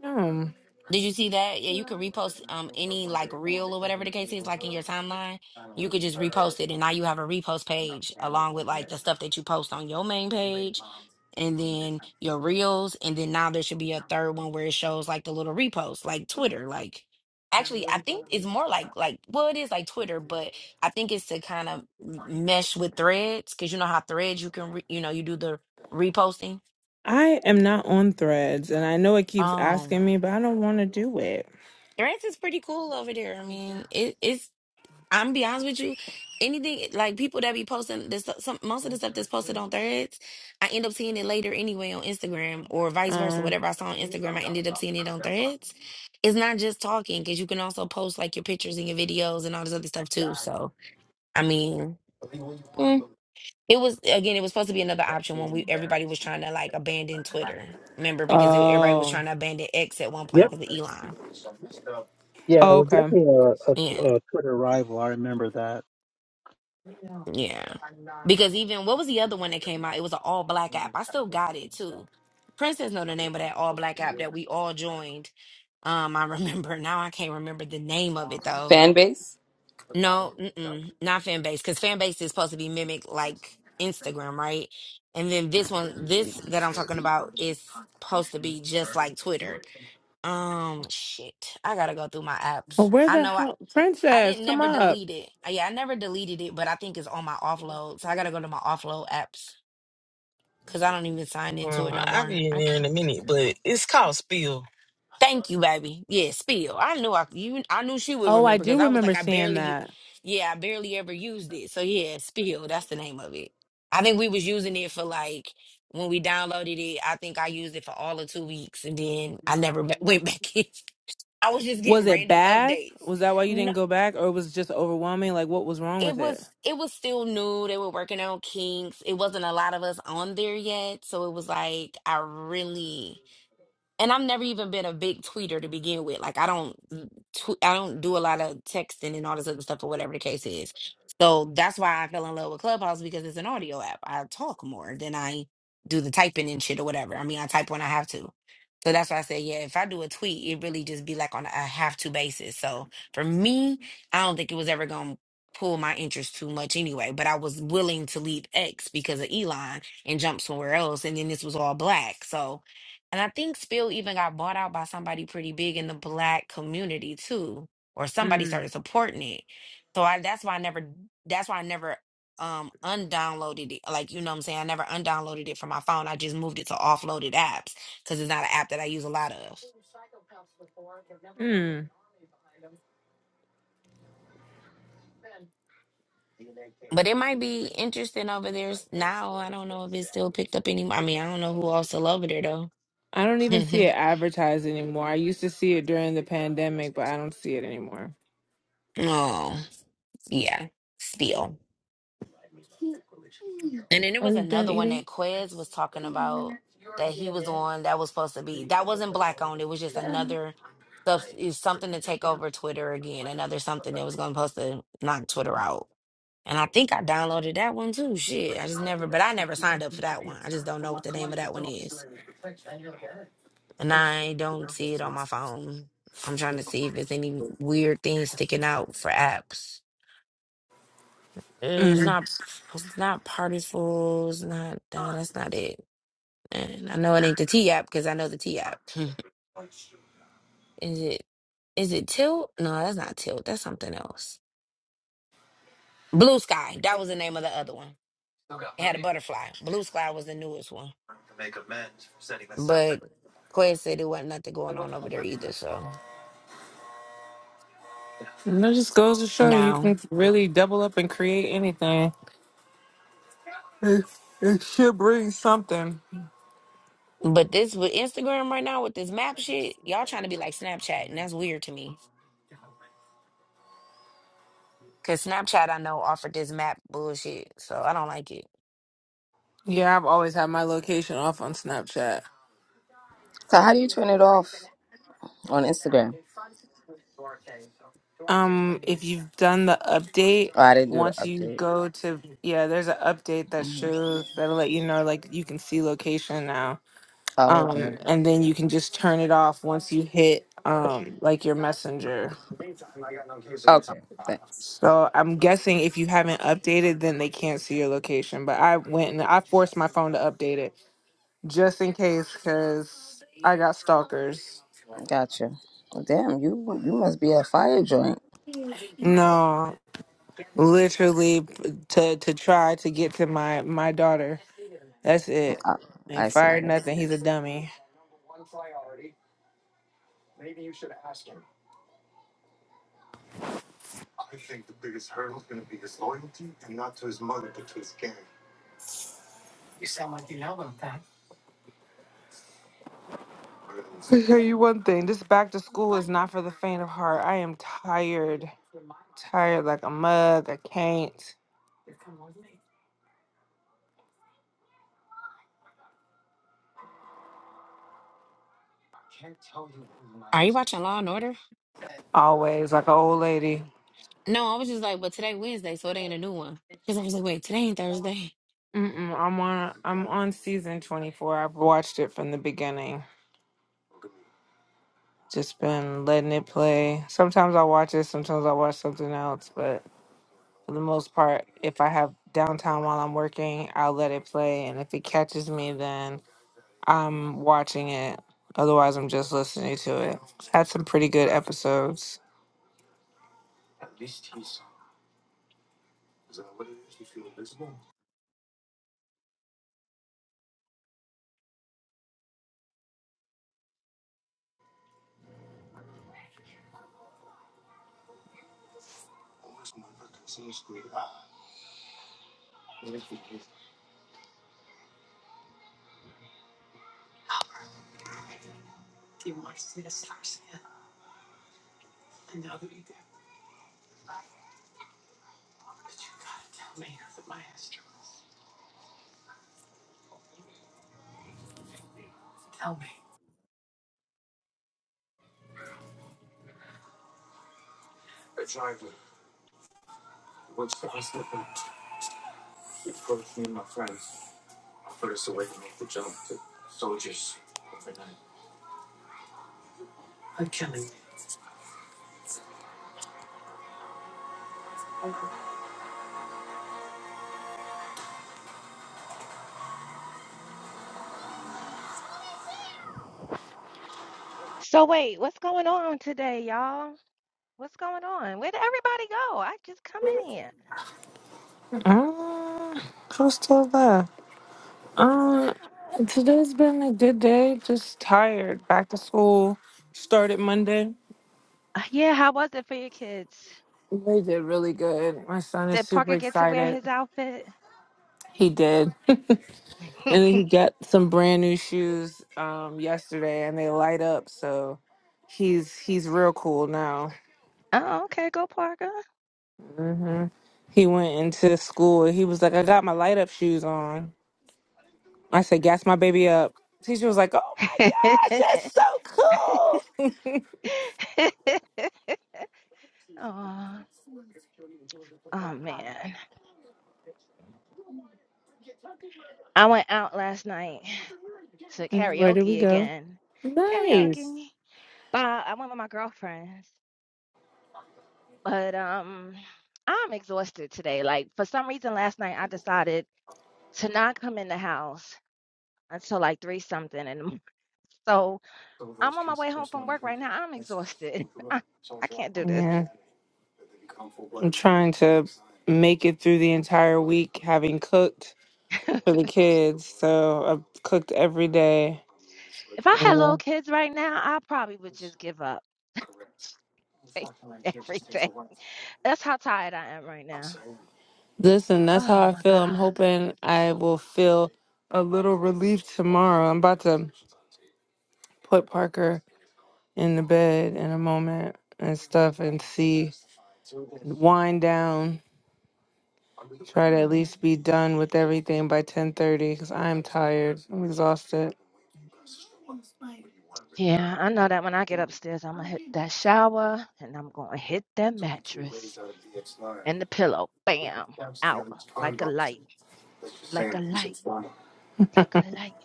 No, Did you see that? Yeah, you could repost um any like reel or whatever the case is, like in your timeline. You could just repost it, and now you have a repost page along with like the stuff that you post on your main page, and then your reels, and then now there should be a third one where it shows like the little repost, like Twitter. Like, actually, I think it's more like like well, it is like Twitter, but I think it's to kind of mesh with Threads because you know how Threads you can re- you know you do the reposting. I am not on threads, and I know it keeps Um, asking me, but I don't want to do it. Threads is pretty cool over there. I mean, it, it's I'm gonna be honest with you. Anything like people that be posting this, some most of the stuff that's posted on threads, I end up seeing it later anyway on Instagram or vice versa. Um. Whatever I saw on Instagram, I ended up seeing it on threads. It's not just talking because you can also post like your pictures and your videos and all this other stuff too. So I mean, mm, it was again, it was supposed to be another option when we everybody was trying to like abandon Twitter. Remember because e-, everybody was Oh. trying to abandon X at one point Yep. because of Elon. Yeah, it oh. was Okay. definitely a, yeah. a, a Twitter rival. I remember that. Yeah. Because even what was the other one that came out? It was an all black app. I still got it too. Princess know the name of that all black app that we all joined. Um, I remember now. I can't remember the name of it though. Fan base? No, mm-mm, not fan base because fan base is supposed to be mimic like Instagram, right? And then this one, this that I'm talking about is supposed to be just like Twitter. Um, shit, I gotta go through my Well, apps. where I the know hell, I princess? didn't Come never up. delete it. Uh, Yeah, I never deleted it, but I think it's on my offload. So I gotta go to my offload apps because I don't even sign into Uh, it no I'll more. be in I there in can't. a minute, but it's called Spill. Thank you, baby. Yeah, spill. I knew I you. I knew she would Oh, I remember because do I was like, remember I seeing barely. u- that. Yeah, I barely ever used it. So yeah, spill. That's the name of it. I think we was using it for like when we downloaded it. I think I used it for all of two weeks, and then I never ba- went back in. I was just Was getting it random bad? Was that why you updates. didn't go back, or it was it just overwhelming? Like, what was wrong it with it? was it was still new. They were working on kinks. It wasn't a lot of us on there yet, so it was like I really and I've never even been a big tweeter to begin with. Like I don't tweet, I don't do a lot of texting and all this other stuff or whatever the case is. So that's why I fell in love with Clubhouse because it's an audio app. I talk more than I do the typing and shit or whatever. I mean, I type when I have to. So that's why I say, yeah, if I do a tweet, it really just be like on a have to basis. So for me, I don't think it was ever going to pull my interest too much anyway. But I was willing to leave X because of Elon and jump somewhere else. And then this was all black. So and I think Spill even got bought out by somebody pretty big in the black community too, or somebody Mm. started supporting it. So I that's why I never that's why I never um undownloaded it. Like you know what I'm saying? I never undownloaded it from my phone. I just moved it to offloaded apps because it's not an app that I use a lot of. Hmm. But it might be interesting over there s- now. I don't know if it's still picked up anymore. I mean, I don't know who else still over there though. I don't even see it advertised anymore. I used to see it during the pandemic, but I don't see it anymore. oh yeah, Spill. And then there Are was you done another one that eating? Quez was talking about that he was on that was supposed to be that wasn't black owned. It was just another stuff is something to take over Twitter again. Another something that was gonna supposed to knock Twitter out. And I think I downloaded that one too. Shit. I just never but I never signed up for that one. I just don't know what the name of that one is. And I don't see it on my phone. I'm trying to see if there's any weird things sticking out for apps. It's Mm. not it's not partyful, it's not nah, that's not it. And I know it ain't the T app because I know the T app. Is it? Is it Tilt? No, that's not Tilt. That's something else. Blue Sky. That was the name of the other one. It had a butterfly. Blue Sky was the newest one. But Quest said there wasn't nothing going on over there either. So And that just goes to show you, you no. can really double up and create anything. It, it should bring something. But this with Instagram right now with this map shit, y'all trying to be like Snapchat, and that's weird to me. Cause Snapchat I know offered this map bullshit, so I don't like it. Yeah, I've always had my location off on Snapchat. So how do you turn it off on Instagram? Um, if you've done the update, Oh, I didn't do the once you update. go to yeah, there's an update that Mhm. shows that'll let you know like you can see location now. Oh, Um, okay. and then you can just turn it off once you hit um like your messenger. Okay, thanks. So I'm guessing if you haven't updated, then they can't see your location. But I went and I forced my phone to update it. just in case, because I got stalkers. Gotcha. Damn, you you must be a fire joint. No, literally p- to to try to get to my my daughter. That's it. I, They I see. fired nothing. He's a dummy. So tell you one thing. This back to school is not for the faint of heart. I am tired, tired like a mug. I can't Are you watching Law and Order? always like an old lady. No, I was just like, but today Wednesday, so it ain't a new one. Because I was like, wait, today ain't Thursday. Mm-mm, I'm on I'm on season 24. I've watched it from the beginning. Just been letting it play. Sometimes I watch it. Sometimes I watch something else, but. for the most part, if I have downtime while I'm working, I'll let it play. And if it catches me, then I'm watching it. Otherwise, I'm just listening to it. Had some pretty good episodes. So wait, what's going on today, y'all? What's going on? Where did everybody go? I just come in here. Uh, who's still there? Uh, today's been a good day. Just tired. Back to school. Started Monday. Uh, yeah, how was it for your kids? They did really good. My son is Did super Parker get to wear excited. his outfit? He did. And then he got some brand new shoes um yesterday and they light up, so he's he's real cool now. Oh, okay, go Parker. hmm He went into school he was like, I got my light up shoes on. I said, Gas my baby up. Teacher was like, Oh my gosh, that's so cool. oh, oh man. I went out last night. to karaoke go. again. Karaoke by uh, one of my girlfriends. But um I'm exhausted today. Like for some reason last night I decided to not come in the house until like three something in the morning. So I'm on my way home from work right now. I'm exhausted. I, I can't do this. Yeah. I'm trying to make it through the entire week having cooked for the kids. So I've cooked every day. If I had little kids right now, I probably would just give up everything. That's how tired I am right now. Listen, that's Oh how I my feel. I'm God. hoping I will feel a little relief tomorrow. I'm about to put Parker in the bed in a moment and stuff and see wind down. Try to at Hmm. least be done with everything by 10:30 cuz I'm tired. I'm exhausted. Yeah, I know that when I get upstairs, I'm gonna hit that shower and I'm gonna hit that mattress and the pillow. Bam! Out like a light, like a light, like a light.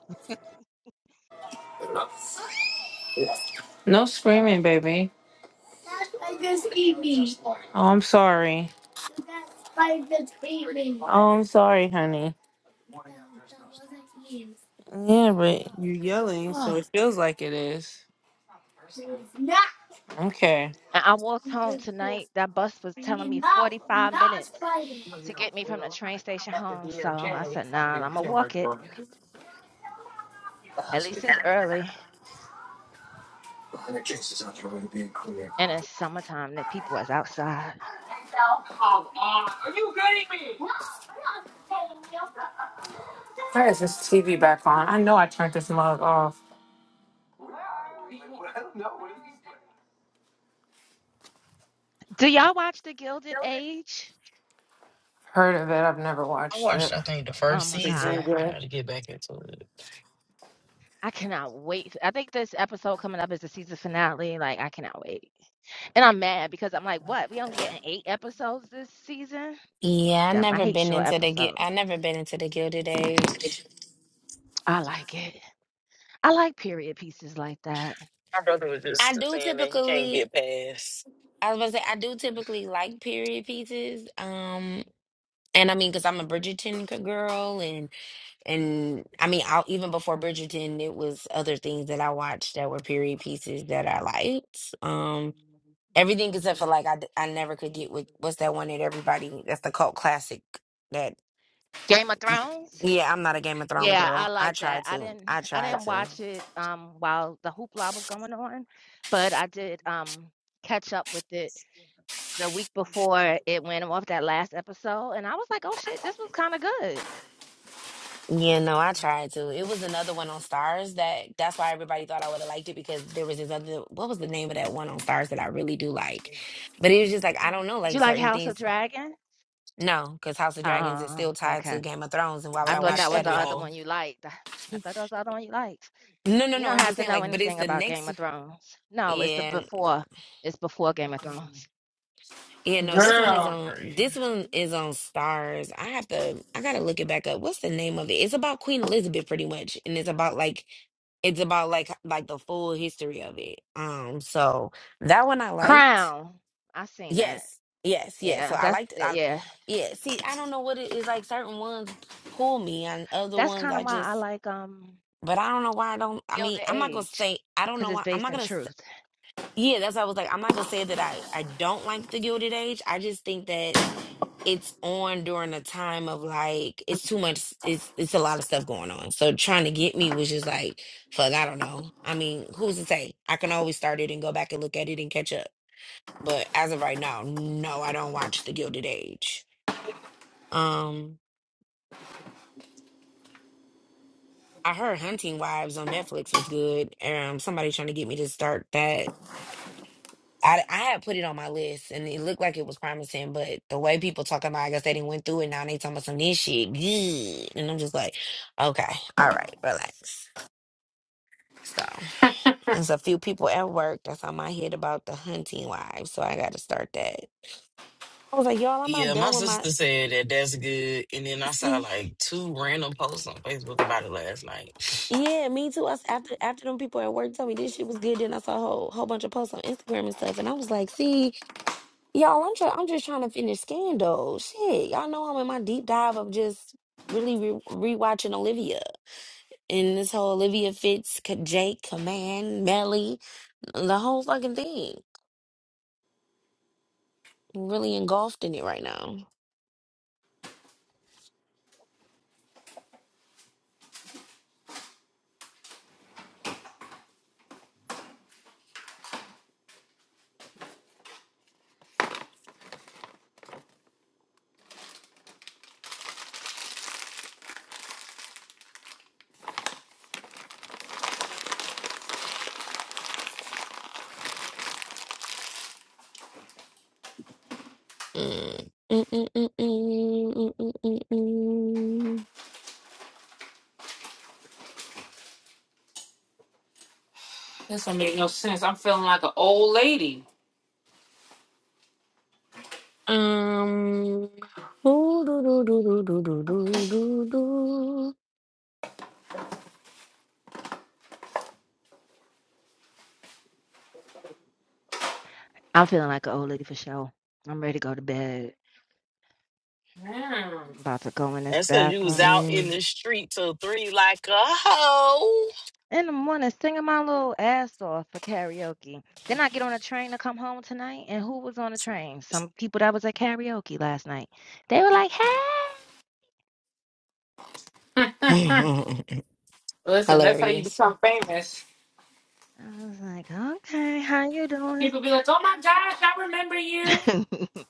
No screaming, baby. Oh, I'm sorry. Oh, I'm sorry, honey. Yeah, but you are yelling, so Oh. it feels like it is. Okay. And I walked home tonight. That bus was telling me 45 minutes to get me from the train station home. So I said, nah, I'm gonna walk it. At least it's early and it's summertime that people is outside. Why is this TV back on? I know I turned this mug off. Do y'all watch The Gilded Age? I watched, I think, the Oh first my Is it God. any season. I good? got to get back into it. I cannot wait. I think this episode coming up is the season finale. Like, I cannot wait. And I'm mad because I'm like, what? We don't get eight episodes this season? Yeah, I Damn, I never hate been short into the gui- episodes. I never been into the Gilded Age. I like it. I like period pieces like that. My brother was I just do saying that he can't typically, get past. I was about to say, I do typically like period pieces. Um, and I mean, because I'm a Bridgerton c- girl, and and I mean, i even before Bridgerton, it was other things that I watched that were period pieces that I liked. Um, everything except for like I, d- I never could get with what's that one that everybody that's the cult classic that. Game of Thrones? Yeah, I'm not a Game of Thrones Yeah, I girl. I like that. tried I to. didn't I I tried didn't to. watch it um while the hoopla was going on, but I did um catch up with it the week before it went off that last episode and I was like, "Oh shit, this was kind of good." Yeah, no, I tried to. It was another one on Stars that that's why everybody thought I would have liked it because there was this other what was the name of that one on Stars that I really do like. But it was just like I don't know, Did you like like certain House of things Dragon? no, because House of Dragons is Oh, still tied to okay. Game of Thrones and why would I I Don't be thought watch that was that the stupid, if I other ho. one you liked. I thought that was the other one you liked. No no You no, don't I'm have just to saying know like but it's anything the about Game next of Thrones. No, it's the yeah. before. It's before Game of Thrones. Yeah, no, It's this so one is Girl, dark right on this one here. is on Stars. I have to I gotta look it back up. What's the name of it? It's about Queen Elizabeth pretty much. And it's about like it's about like like the full history of it. Um so that one I liked. Crown. I seen that. Yes. Yes, yes. So Yeah, I that's liked it. I yeah. yeah, see, I don't know what it is like certain ones pull me and other That's ones kind of I why I just like um but I don't know why I don't I mean, Gilded I'm not gonna Age say I don't because know it's why I'm based not in gonna say, truth. yeah, that's why I was like, I'm not gonna say that I I don't like the Gilded Age. I just think that it's on during a time of like it's too much it's it's a lot of stuff going on so trying to get me was just like fuck i don't know i mean who's to say i can always start it and go back and look at it and catch up but as of right now no i don't watch the gilded age um i heard hunting wives on netflix was good um somebody trying to get me to start that I, I had put it on my list and it looked like it was promising, but the way people talking about, I guess they didn't went through it. Now they talking about some this shit, good, and I'm just like, okay, all right, relax. So there's a few people at work that's on my head about the hunting wives, so I got to start that. I was like, y'all, I'm Yeah, not my done with my sister said that that's good, and then I saw see. like two random posts on Facebook about it last night. Yeah, me too. Us after after them people at work told me this shit was good, then I saw a whole whole bunch of posts on Instagram and stuff, and I was like, see. Y'all, I'm, try- I'm just trying to finish Scandal. Shit, y'all know I'm in my deep dive of just really re- rewatching Olivia and this whole Olivia Fitz, K- Jake, Command, Melly, the whole fucking thing. Really engulfed in it right now. Mm. Mm, mm, mm, mm, mm, mm, mm, mm. this don't make no sense. I'm feeling like an old lady. Um. ooh, do, do, do, do, do, do, do, do, do. I'm feeling like an old lady for sure. I'm ready to go to bed. I'm about to go in this That's because you was bathroom. out in Mm. the street till three like a hoe. in the morning singing my little ass off for karaoke. Then I get on a train to come home tonight, and who was on the train? Some people that was at karaoke last night. They were like, "Hey," Listen, that's how you Hilarious. become famous. I was like, "Okay, how you doing?" People be like, "Oh my gosh, I remember you."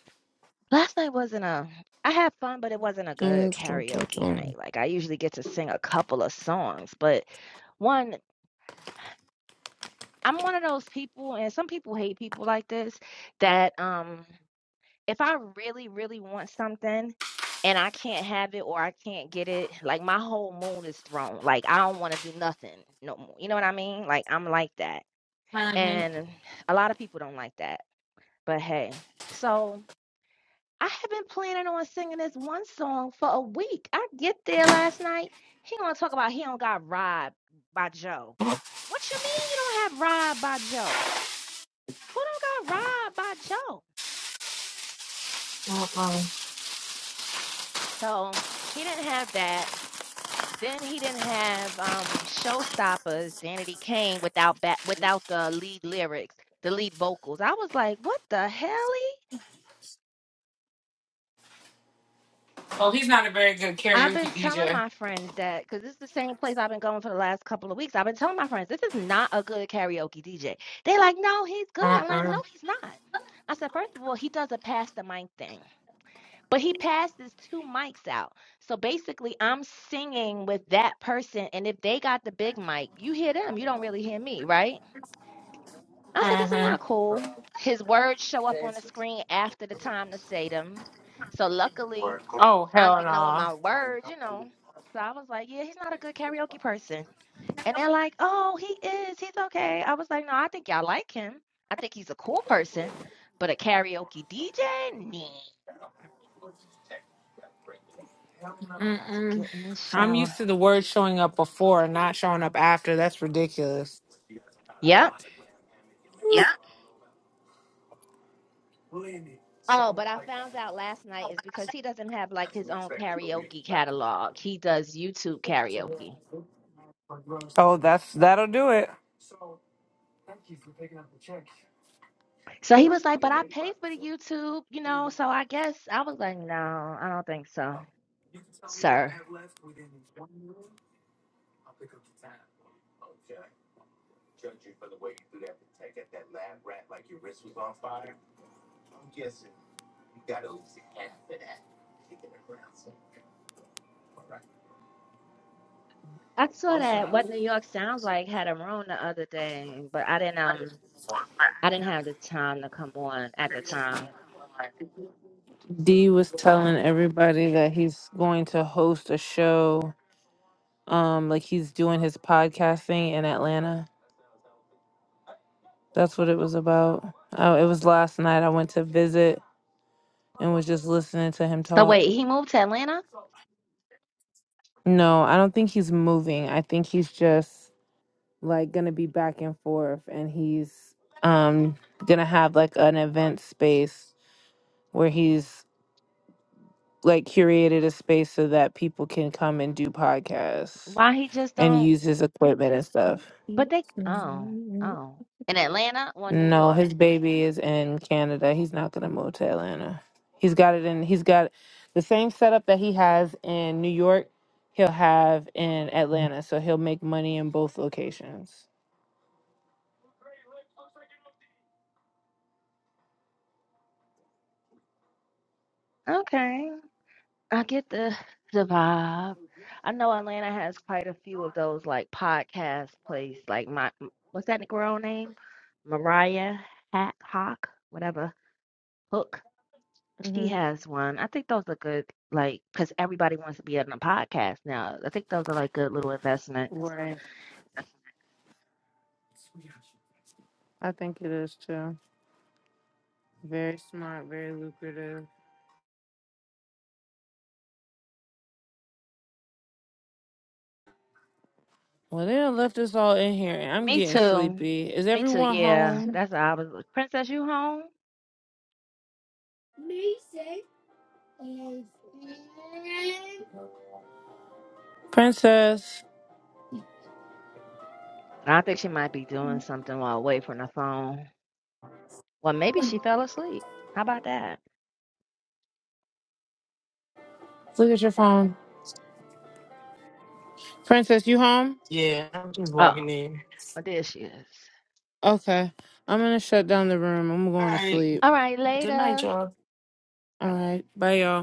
Last night wasn't a. I had fun, but it wasn't a Dun, good dun, dun, karaoke dun, dun. night. Like I usually get to sing a couple of songs, but one, I'm one of those people, and some people hate people like this that um. if I really, really want something and I can't have it or I can't get it, like my whole mood is thrown. Like I don't want to do nothing no more. You know what I mean? Like I'm like that. And a lot of people don't like that. But hey, so I have been planning on singing this one song for a week. I get there last night. He gonna talk about he don't got robbed by Joe. What you mean you don't have robbed by Joe? Who don't got robbed by Joe? So he didn't have that. Then he didn't have um Showstoppers, Danity Kane without ba- without the lead lyrics, the lead vocals. I was like, what the hell? e?" I've been telling my friends that because this is the same place I've been going for the last couple of weeks. I've been telling my friends this is not a good karaoke DJ. They are like, no, he's good. I'm like, no, Mm-mm. he's not. I said, first of all, he does a pass the mic thing, but he passes two mics out. So basically, I'm singing with that person, and if they got the big mic, you hear them. You don't really hear me, right? I was like, this is not Mm-hmm. cool. His words show up on the screen after the time to say them. So luckily, Oh I'd hell be knowing no. my words, you know. So I was like, yeah, he's not a good karaoke person. And they're like, oh, he is. He's okay. I was like, no, I think y'all like him. I think he's a cool person. But a karaoke DJ? Nah. About to Mm-mm. get in this I'm used shower. to the word showing up before and not showing up after. That's ridiculous. Yep. Oh, but I found out last night is because he doesn't have like his own karaoke catalog. He does YouTube karaoke. Oh, that's that'll do it. So he was like, but I paid for the YouTube, you know, so I guess I was like, no, I don't think so, sir. I saw that What New York Sounds Like had a room the other day, but I didn't um I didn't have the time to come on at the time. D was telling everybody that he's going to host a show. Um, like he's doing his podcasting in Atlanta. That's what it was about. Oh, it was last night. I went to visit. and was just listening to him So talk. wait, he moved to Atlanta? No, I don't think he's moving. I think he's just like gonna be back and forth and he's um gonna have like an event space where he's like curated a space so that people can come and do podcasts Why he just and don't use his equipment and Thank stuff. but they oh, you. oh. In Atlanta or New No, York? his baby is in Canada. He's not gonna move to Atlanta. He's got it in he's got the same setup that he has in New York, he'll have in Atlanta. So he'll make money in both locations. Okay. I get the the vibe. I know Atlanta has quite a few of those like podcast place, like my m- what's that girl name? Mariah Hack Hawk, whatever Hook. She hmm has one. I think those are good, like because everybody wants to be on a podcast now. I think those are like good little investments. Right. I think it is too. Very smart, very lucrative. Well, they done left us all in here and I'm Me getting too. sleepy. Is Me too. everyone Yeah, home? that's how I was. like, Princess, you home? Princess, I think she might be doing something while away from the phone. Well, maybe she fell asleep. How about that? look at your phone. Princess, you home? Yeah, I'm just Uh-uh. walking in. Oh, there she is. Okay. I'm gonna shut down the room. I'm All going to right. sleep. All right, Good night, later. y'all. All right. Bye y'all.